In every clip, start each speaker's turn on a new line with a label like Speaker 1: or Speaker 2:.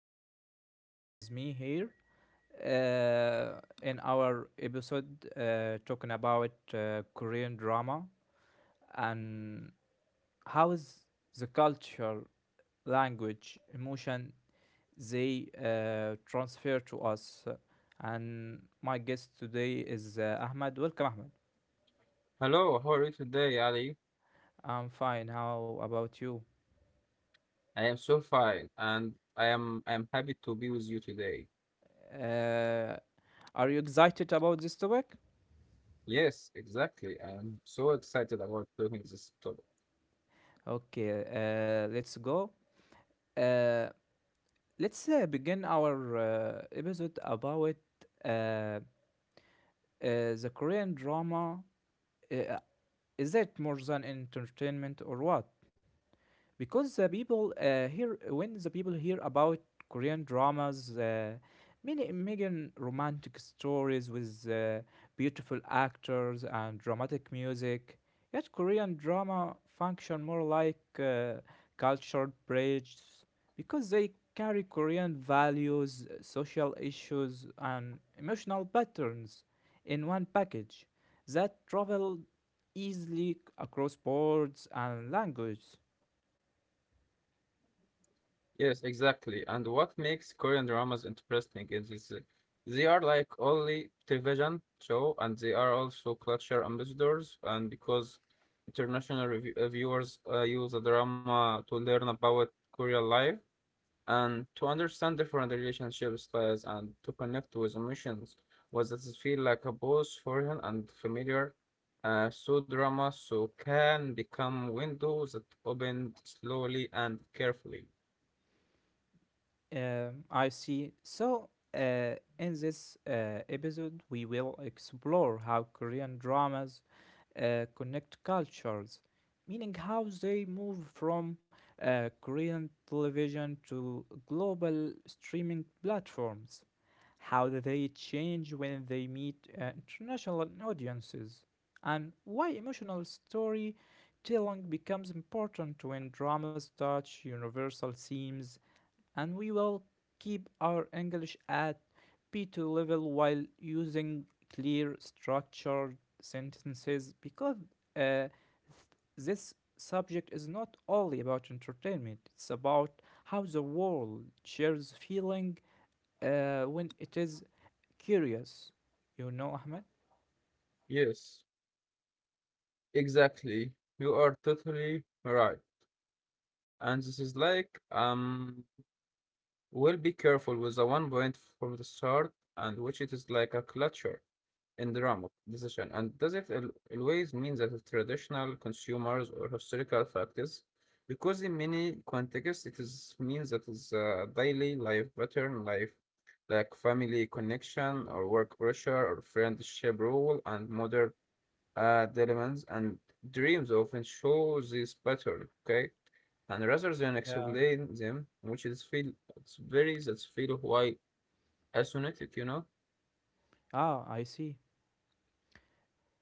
Speaker 1: have Ahmed with me here, in our episode, talking about Korean drama and how is the culture, language, emotion they transfer to us. And my guest today is Ahmed. Welcome, Ahmed.
Speaker 2: Hello, how are you today, Ali?
Speaker 1: I'm fine. How about you?
Speaker 2: I am so fine, and I am happy to be with you today.
Speaker 1: Uh, are you excited about this topic?
Speaker 2: Yes, exactly. I am so excited about doing this topic.
Speaker 1: Okay, let's go. Uh, let's begin our episode about uh, uh, the Korean drama. Uh, is it more than entertainment or what? Because the people here, when the people hear about Korean dramas, many megan romantic stories with beautiful actors and dramatic music, yet Korean drama function more like cultural bridges, because they carry Korean values, social issues, and emotional patterns in one package that travel easily across boards and language.
Speaker 2: Yes, exactly. And what makes Korean dramas interesting is they are like only television show, and they are also culture ambassadors. And because international viewers use the drama to learn about Korean life, and to understand different relationship styles and to connect with emotions was that it feel like a both foreign and familiar. So drama so can become windows that opened slowly and carefully.
Speaker 1: I see. So, in this episode, we will explore how Korean dramas connect cultures, meaning how they move from Korean television to global streaming platforms, how they change when they meet uh, international audiences, and why emotional storytelling becomes important when dramas touch universal themes. And we will keep our English at B2 level while using clear structured sentences, because uh, this subject is not only about entertainment, it's about how the world shares feeling when it is curious, you know, Ahmed.
Speaker 2: Yes, exactly. You are totally right. And this is like we'll be careful with the 1 point from the start, and which it is like a clutcher in the realm of decision, and does always mean that the traditional consumers or historical factors? Because in many contexts, it is means that is daily life pattern, life like family connection or work pressure or friendship role, and modern dilemmas and dreams often show this pattern. Okay, and rather than
Speaker 1: Yeah.
Speaker 2: explain them, which is feel it's very that's feel why asymmetric, you know.
Speaker 1: Ah, I see.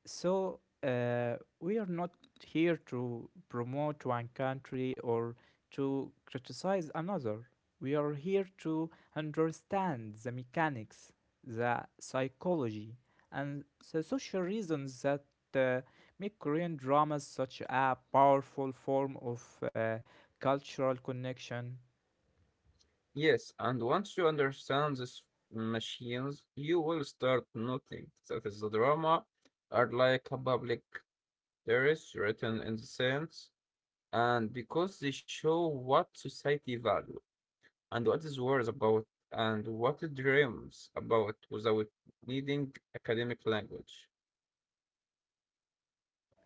Speaker 1: So we are not here to promote one country or to criticize another. We are here to understand the mechanics, the psychology, and the social reasons that uh, make Korean dramas such a powerful form of cultural connection.
Speaker 2: Yes, and once you understand these machines, you will start noting that is the drama are like a public terrace written in the sense, and because they show what society value and what is worries about and what it dreams about without needing academic language.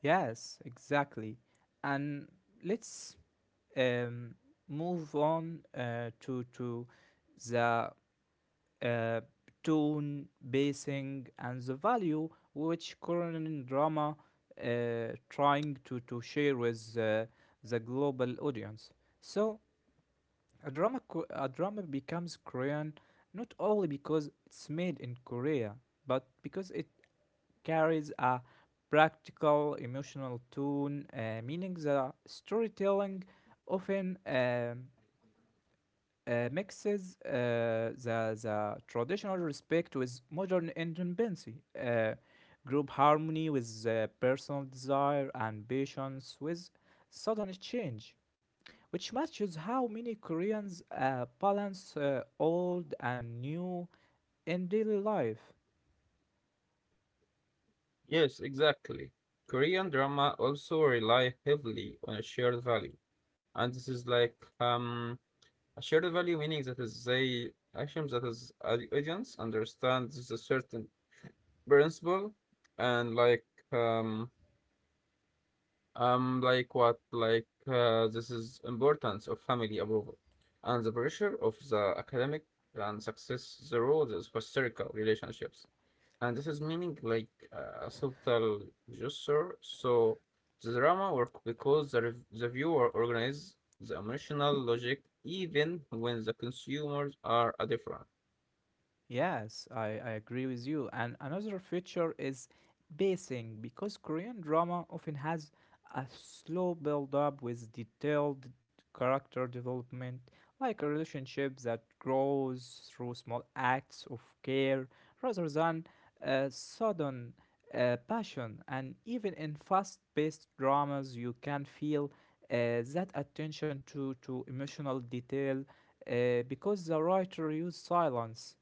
Speaker 1: Yes, exactly. And let's um, move on, to the uh, tone, basing, and the value which Korean drama trying to share with the global audience. So a drama becomes Korean not only because it's made in Korea, but because it carries a practical emotional tone, meaning the storytelling often mixes the traditional respect with modern independency, group harmony with personal desire and patience with sudden change, which matches how many Koreans balance old and new in daily life.
Speaker 2: Yes, exactly. Korean drama also rely heavily on a shared value, and this is like a shared value meaning that is they actions that is audience understands a certain principle and um like what like this is importance of family approval and the pressure of the academic and success the role of historical relationships, and this is meaning like a subtle gesture. So the drama work because the viewer organizes the emotional logic even when the consumers are a different.
Speaker 1: Yes, I agree with you. And another feature is pacing, because Korean drama often has a slow build up with detailed character development, like a relationship that grows through small acts of care rather than sudden passion. And even in fast paced dramas, you can feel that attention to emotional detail, because the writer used silence,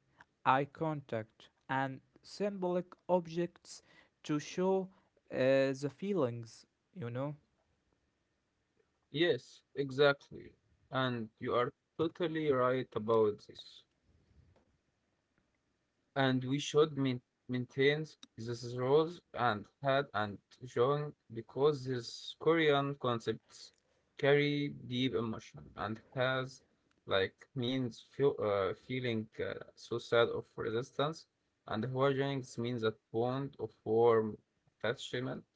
Speaker 1: eye contact, and symbolic objects to show the feelings, you know?
Speaker 2: Yes, exactly. And you are totally right about this. And we should maintain these roles and had and shown because these Korean concepts carry deep emotion and has like means feeling so sad of resistance, and Huajangs means a bond of warm attachment.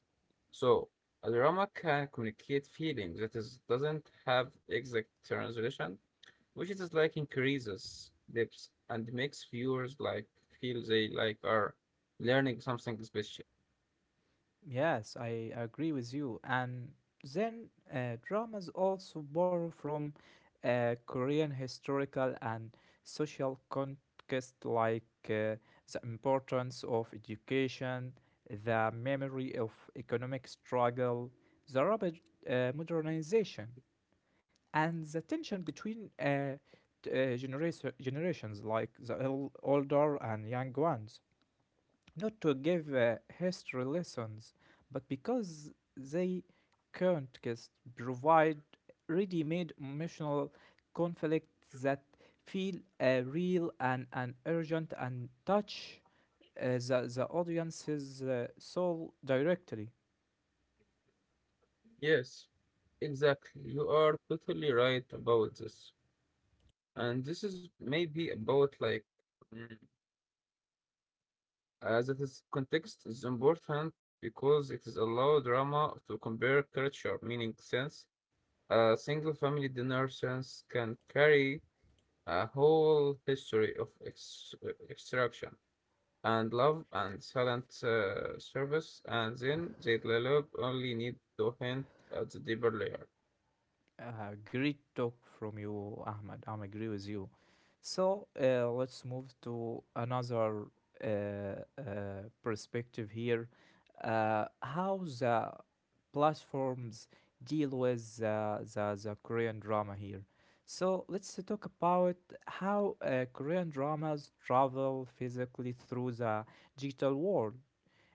Speaker 2: So a drama can communicate feeling that is doesn't have exact translation, which is like increases depth and makes viewers like feel they like are learning something special.
Speaker 1: Yes, I agree with you. And then dramas also borrow from Korean historical and social context, like uh, the importance of education, the memory of economic struggle, the rapid modernization, and the tension between generations, like the older and young ones, not to give history lessons, but because they can't just provide ready-made emotional conflicts that feel real and urgent and touch the audience's soul directly.
Speaker 2: Yes, exactly. You are totally right about this. And this is maybe about like mm, as it is context is important because it is allow drama to compare culture, meaning sense. A single family dinner sense can carry a whole history of extraction and love and silent service, and then they develop only need to hint at the deeper layer.
Speaker 1: Great talk from you, Ahmed. I am agree with you. So let's move to another perspective here. How the platforms deal with the Korean drama here. So let's talk about how Korean dramas travel physically through the digital world,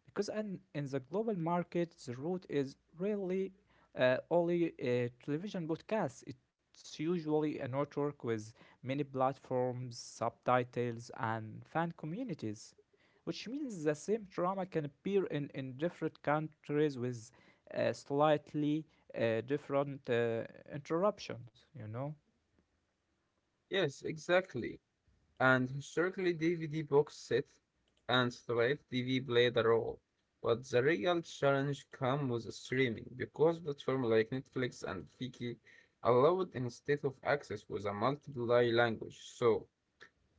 Speaker 1: because, and in the global market, the route is really only a television broadcast. It's usually a network with many platforms, subtitles, and fan communities, which means the same drama can appear in different countries with slightly different interruptions.
Speaker 2: Yes, exactly. And historically, DVD box set and straight TV played a role. But the real challenge came with streaming because platforms like Netflix and Viki allowed instead of access with a multiple language. So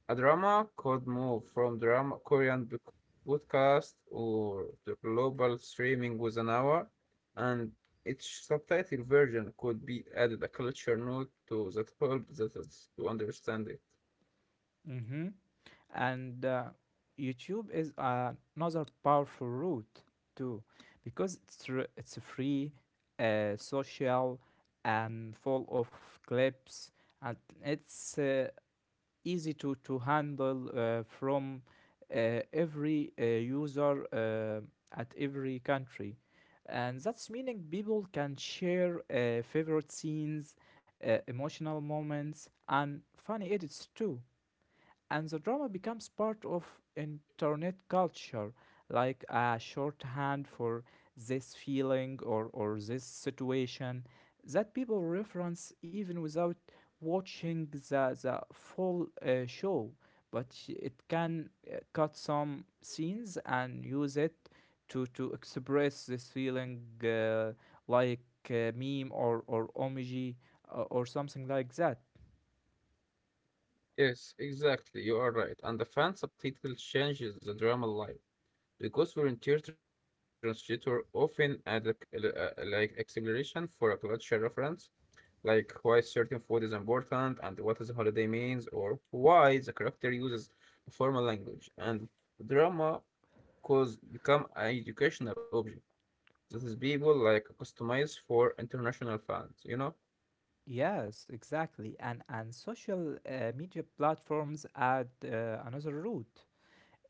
Speaker 2: a drama could move from podcast or the global streaming with an hour, and each subtitle version could be added a culture note to that help that is to understand it.
Speaker 1: Mm-hmm. And YouTube is another powerful route too, because it's a free, social, and full of clips, and it's easy to handle from every user at every country. And that's meaning people can share favorite scenes, emotional moments, and funny edits too, and the drama becomes part of internet culture, like a shorthand for this feeling or this situation that people reference even without watching the full show. But it can cut some scenes and use it to express this feeling, like meme or emoji, or something like that.
Speaker 2: Yes, exactly, you are right. And the fan subtitle changes the drama life because volunteer translator often add a, c- a- like explanation for a culture reference like why certain food is important and what is a holiday means, or why the character uses a formal language. And drama cause become an educational object that is people like customized for international fans, you know?
Speaker 1: Yes, exactly. And social media platforms add another route,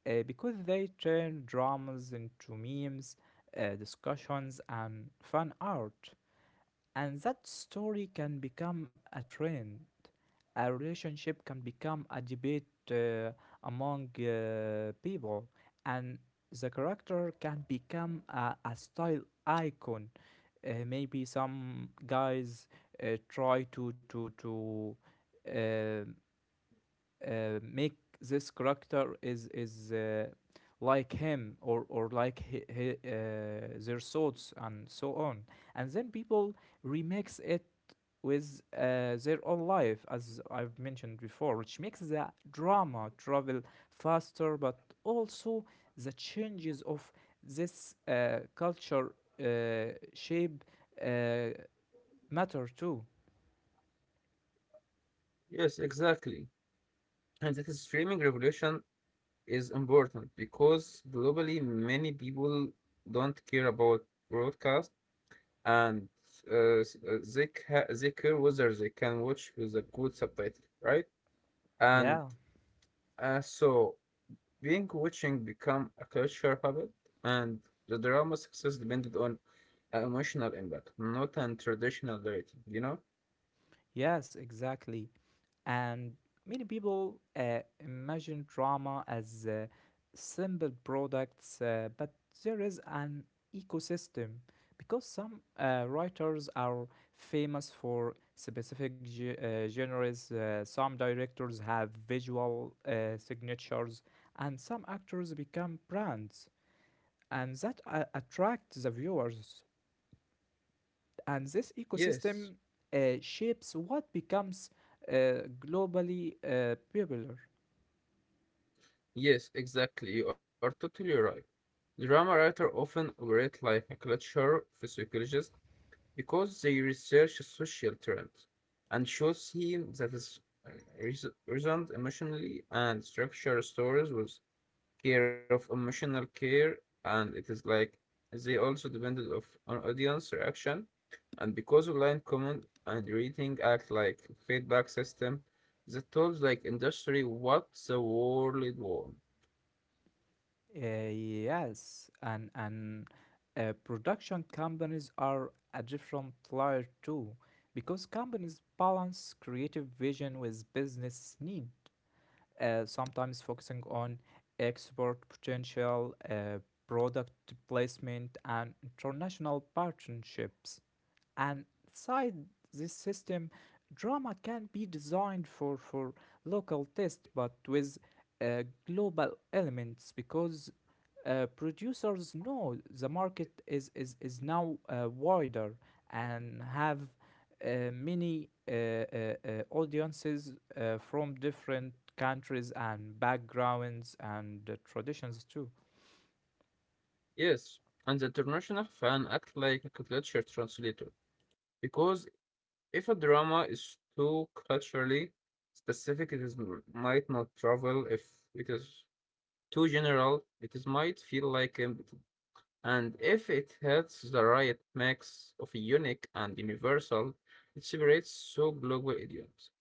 Speaker 1: because they turn dramas into memes, discussions, and fan art. And that story can become a trend. A relationship can become a debate uh, among people, and the character can become a style icon. Maybe some guys try to uh, make this character is like him or like he their thoughts and so on, and then people remix it with their own life, as I've mentioned before, which makes the drama travel faster, but also the changes of this culture shape uh, matter too.
Speaker 2: Yes, exactly. And this streaming revolution is important because globally many people don't care about broadcast, and they, they care whether they can watch with a good subtitle, right? And
Speaker 1: Yeah,
Speaker 2: so, being coaching become a culture habit, and the drama success depended on an emotional impact, not on traditional rating, you know?
Speaker 1: yes, exactly. And many people imagine drama as simple products, but there is an ecosystem, because some writers are famous for specific genres, some directors have visual signatures, and some actors become brands, and that attracts the viewers. And this
Speaker 2: Yes,
Speaker 1: ecosystem shapes what becomes globally popular.
Speaker 2: yes, exactly. You are totally right. Drama writers often operate like a culture psychologist because they research social trends and show themes that is uh, resonant emotionally and structure stories with care of emotional care, and it is like they also depended of on audience reaction. And because online comment and rating act like feedback system, the tools like industry what the world want.
Speaker 1: Yes, and production companies are a different layer too, because companies balance creative vision with business need, sometimes focusing on export potential, product placement, and international partnerships. And inside this system, drama can be designed for local taste, but with global elements, because producers know the market is now wider and have many audiences from different countries and backgrounds and traditions too.
Speaker 2: Yes, and the international fan act like a culture translator because if a drama is too culturally specific, it is might not travel. If it is too general, it is might feel like and if it hits the right mix of unique and universal, it separates two global idioms.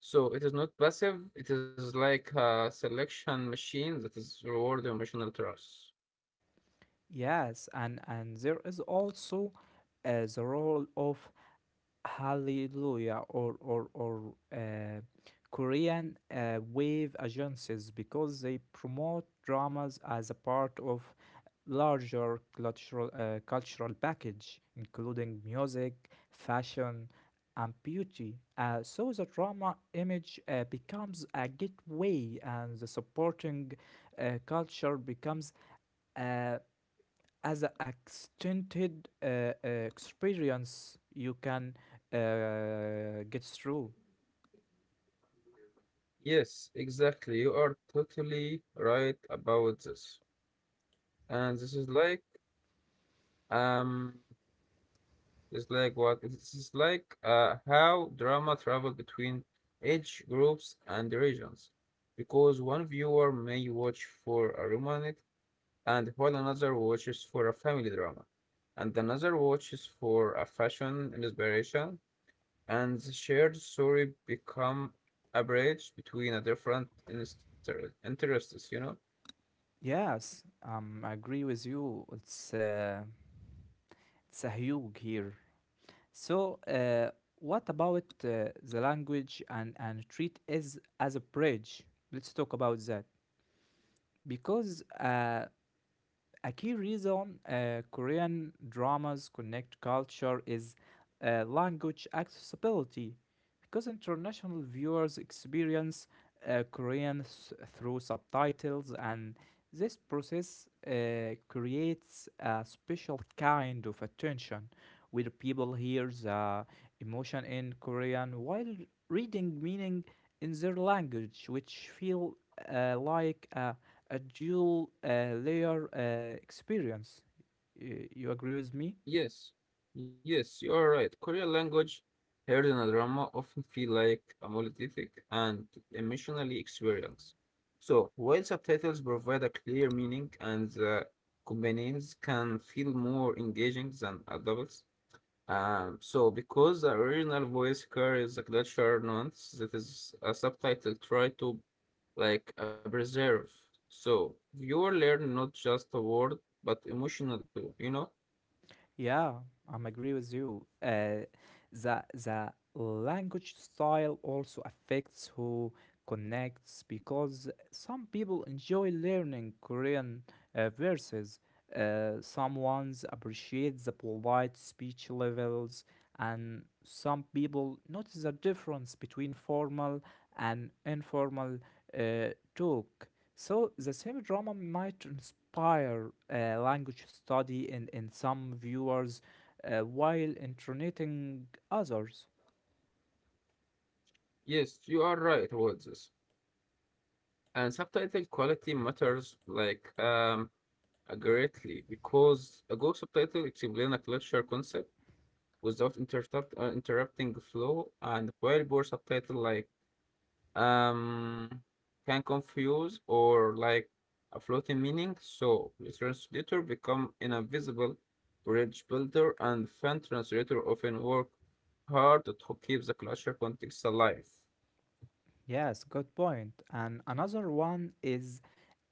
Speaker 2: So it is not passive, it is like a selection machine that is rewarding emotional trust.
Speaker 1: Yes, and there is also the role of Hallelujah or Korean wave agencies, because they promote dramas as a part of larger cultural package, including music, fashion, and beauty. So the drama image becomes a gateway, and the supporting culture becomes uh, as an extended experience you can get through.
Speaker 2: Yes, exactly. You are totally right about this. And this is like um it's like what this is like how drama travel between age groups and regions because one viewer may watch for a romantic, and while another watches for a family drama, and another watches for a fashion inspiration, and the shared story become a bridge between a different interests, you know?
Speaker 1: Yes, I agree with you. It's a huge here. So, what about the language and treat as a bridge? Let's talk about that, because a key reason Korean dramas connect culture is language accessibility, because international viewers experience Korean through subtitles, and this process creates a special kind of attention where people hear the emotion in Korean while reading meaning in their language, which feel like a dual layer experience. You agree with me?
Speaker 2: Yes, yes, you are right. Korean language heard in a drama often feel like a monolithic and emotionally experience. So, while subtitles provide a clear meaning and the companions can feel more engaging than adults, so because the original voice carries a culture nuance that is a subtitle try to like preserve. So viewer learn not just a word but emotional too, you know?
Speaker 1: Yeah, I'm agree with you. The language style also affects who connects, because some people enjoy learning Korean verses. Some ones appreciate the polite speech levels, and some people notice the difference between formal and informal uh, talk. So the same drama might inspire language study in some viewers while entertaining others.
Speaker 2: Yes, you are right about this. And subtitle quality matters like greatly because a good subtitle explain a culture concept without interrupting the flow, and while poor subtitle like um can confuse or like a floating meaning. So the translator become invisible bridge builder, and fan translator often work hard to keep the culture context alive.
Speaker 1: Yes, good point. And another one is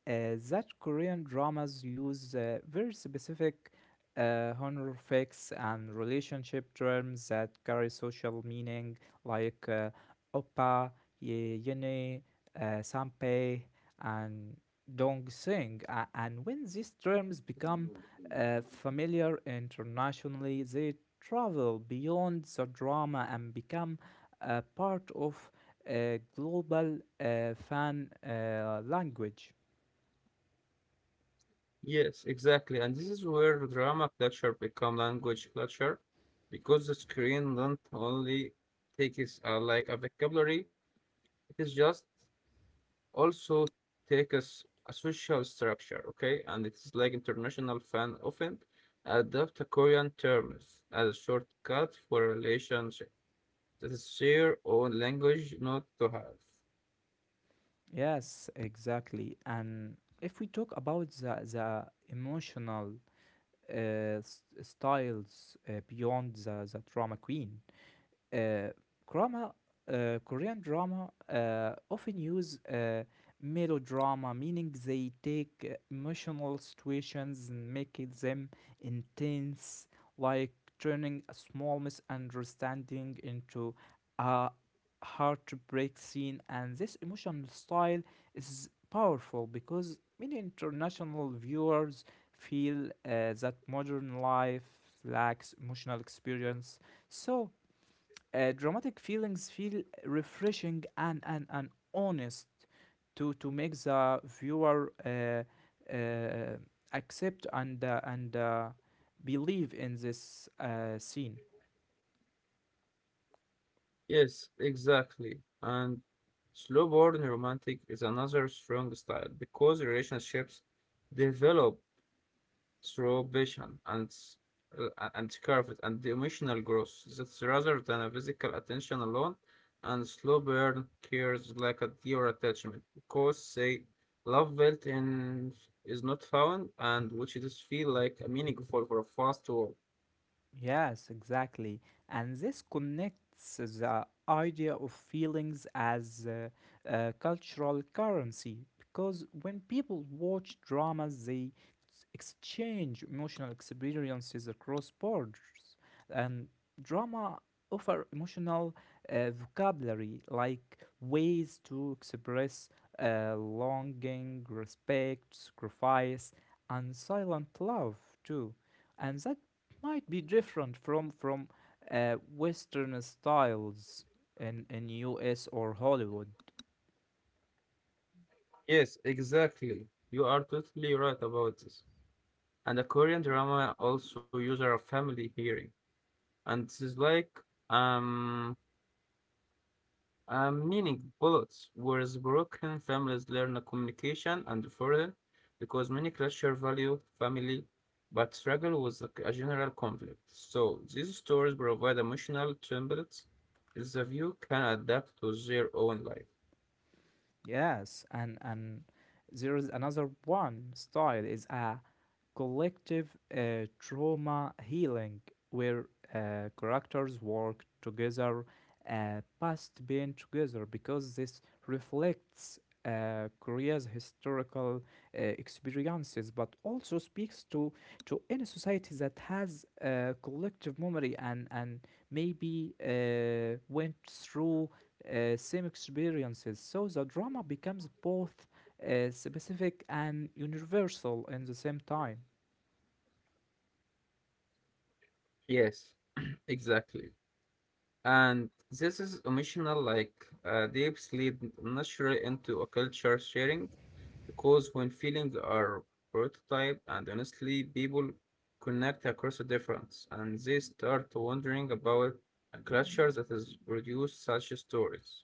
Speaker 1: uh, that Korean dramas use very specific honorifics and relationship terms that carry social meaning, like oppa, yene, sanpei, and dongsing. And when these terms become familiar internationally, they travel beyond the drama and become a part of global fan language.
Speaker 2: Yes, exactly. And this is where drama culture become language culture because the screen not only takes like a vocabulary, it is just also take us a social structure, okay? And it's like international fan often adopt a Korean terms as a shortcut for a relationship that is their own language not to have.
Speaker 1: Yes, exactly. And if we talk about the emotional uh, styles beyond the uh, drama, Korean drama, often use melodrama, meaning they take emotional situations and make it them intense, like turning a small misunderstanding into a heartbreak scene. And this emotional style is powerful, because many international viewers feel that modern life lacks emotional experience, so dramatic feelings feel refreshing and honest, to make the viewer uh, accept and believe in this scene.
Speaker 2: Yes, exactly. And slow burn romantic is another strong style because relationships develop through passion and uh, and careful and emotional growth that's rather than a physical attention alone, and slow burn cures like a dear attachment because say love built in is not found, and which it is feel like a meaningful for a fast world.
Speaker 1: Yes, exactly. And this connects the idea of feelings as cultural currency, because when people watch dramas, they exchange emotional experiences across borders. And drama offer emotional vocabulary, like ways to express longing, respect, sacrifice, and silent love too, and that might be different from Western styles in US or Hollywood.
Speaker 2: Yes, exactly, you are totally right about this. And the Korean drama also use our family hearing, and this is like um um, meaning bullets, whereas broken families learn a communication and further, because many cultures value family but struggle with a general conflict. So these stories provide emotional templates that the viewer can adapt to their own life.
Speaker 1: Yes, and there is another one style is a collective trauma healing where characters work together, past being together, because this reflects Korea's historical experiences, but also speaks to any society that has collective memory, and maybe went through same experiences. So the drama becomes both specific and universal in the same time.
Speaker 2: Yes, exactly. And this is emotional, like dips lead naturally into a culture sharing, because when feelings are prototyped and honestly, people connect across a difference, and they start wondering about a culture that has produced such stories.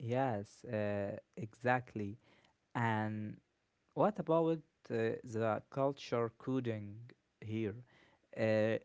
Speaker 1: Yes, exactly. And what about the culture coding here? Uh,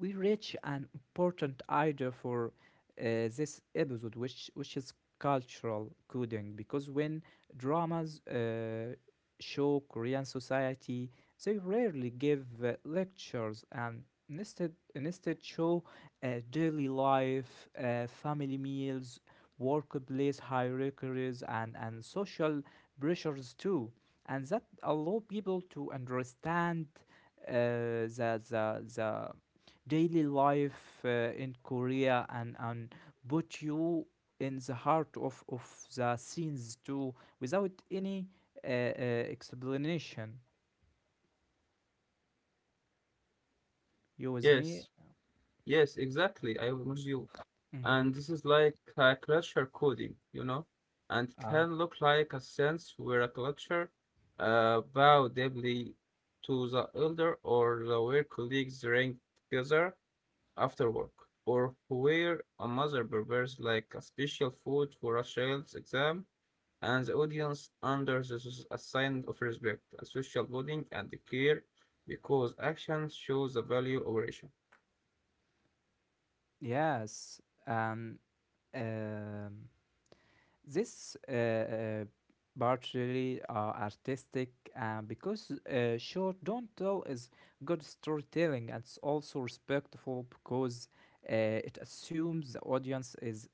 Speaker 1: we reach an important idea for uh, this episode, which is cultural coding, because when dramas show Korean society, they rarely give lectures, and instead show daily life, family meals, workplace hierarchies, and social pressures too, and that allow people to understand the daily life in Korea, and put you in the heart of the scenes too without any explanation. You with me?
Speaker 2: Yes. Yes, exactly. I am with you.
Speaker 1: Mm-hmm.
Speaker 2: And this is like a culture coding, you know, and
Speaker 1: Uh,
Speaker 2: can look like a sense where a culture bow deeply to the elder, or the where colleagues drink together after work, or where a mother prepares like a special food for a child's exam, and the audience under this is a sign of respect, a social bonding, and care because action shows the value of action.
Speaker 1: yes. Um. um this partially are artistic, because short don't tell is good storytelling, and it's also respectful, because it assumes the audience is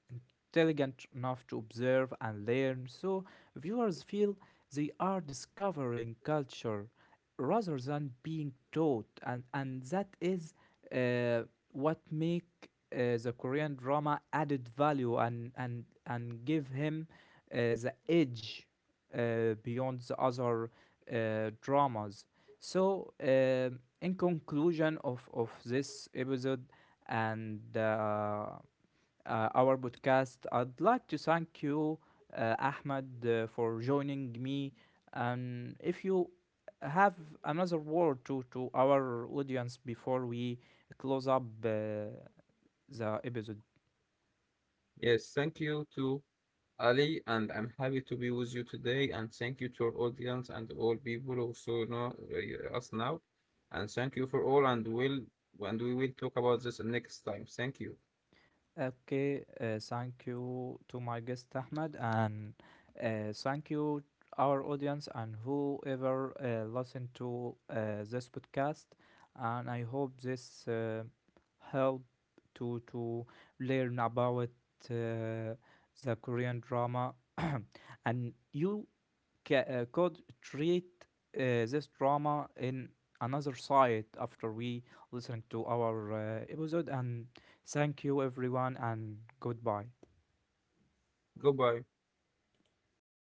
Speaker 1: intelligent enough to observe and learn, so viewers feel they are discovering culture rather than being taught, and that is uh, what make the Korean drama added value and give him the edge beyond the other dramas. So, in conclusion of this episode, and our podcast. I'd like to thank you, Ahmed, for joining me. And if you have another word to our audience before we close up the episode.
Speaker 2: Yes, thank you too. Ali, and I'm happy to be with you today. And thank you to our audience and all people also know us now. And thank you for all, and will and we will talk about this next time. Thank you.
Speaker 1: Okay, thank you to my guest Ahmed, and thank you our audience and whoever listen to this podcast, and I hope this help to learn about uh, the Korean drama and you could treat this drama in another side after we listening to our episode, and thank you everyone, and goodbye.
Speaker 2: Goodbye.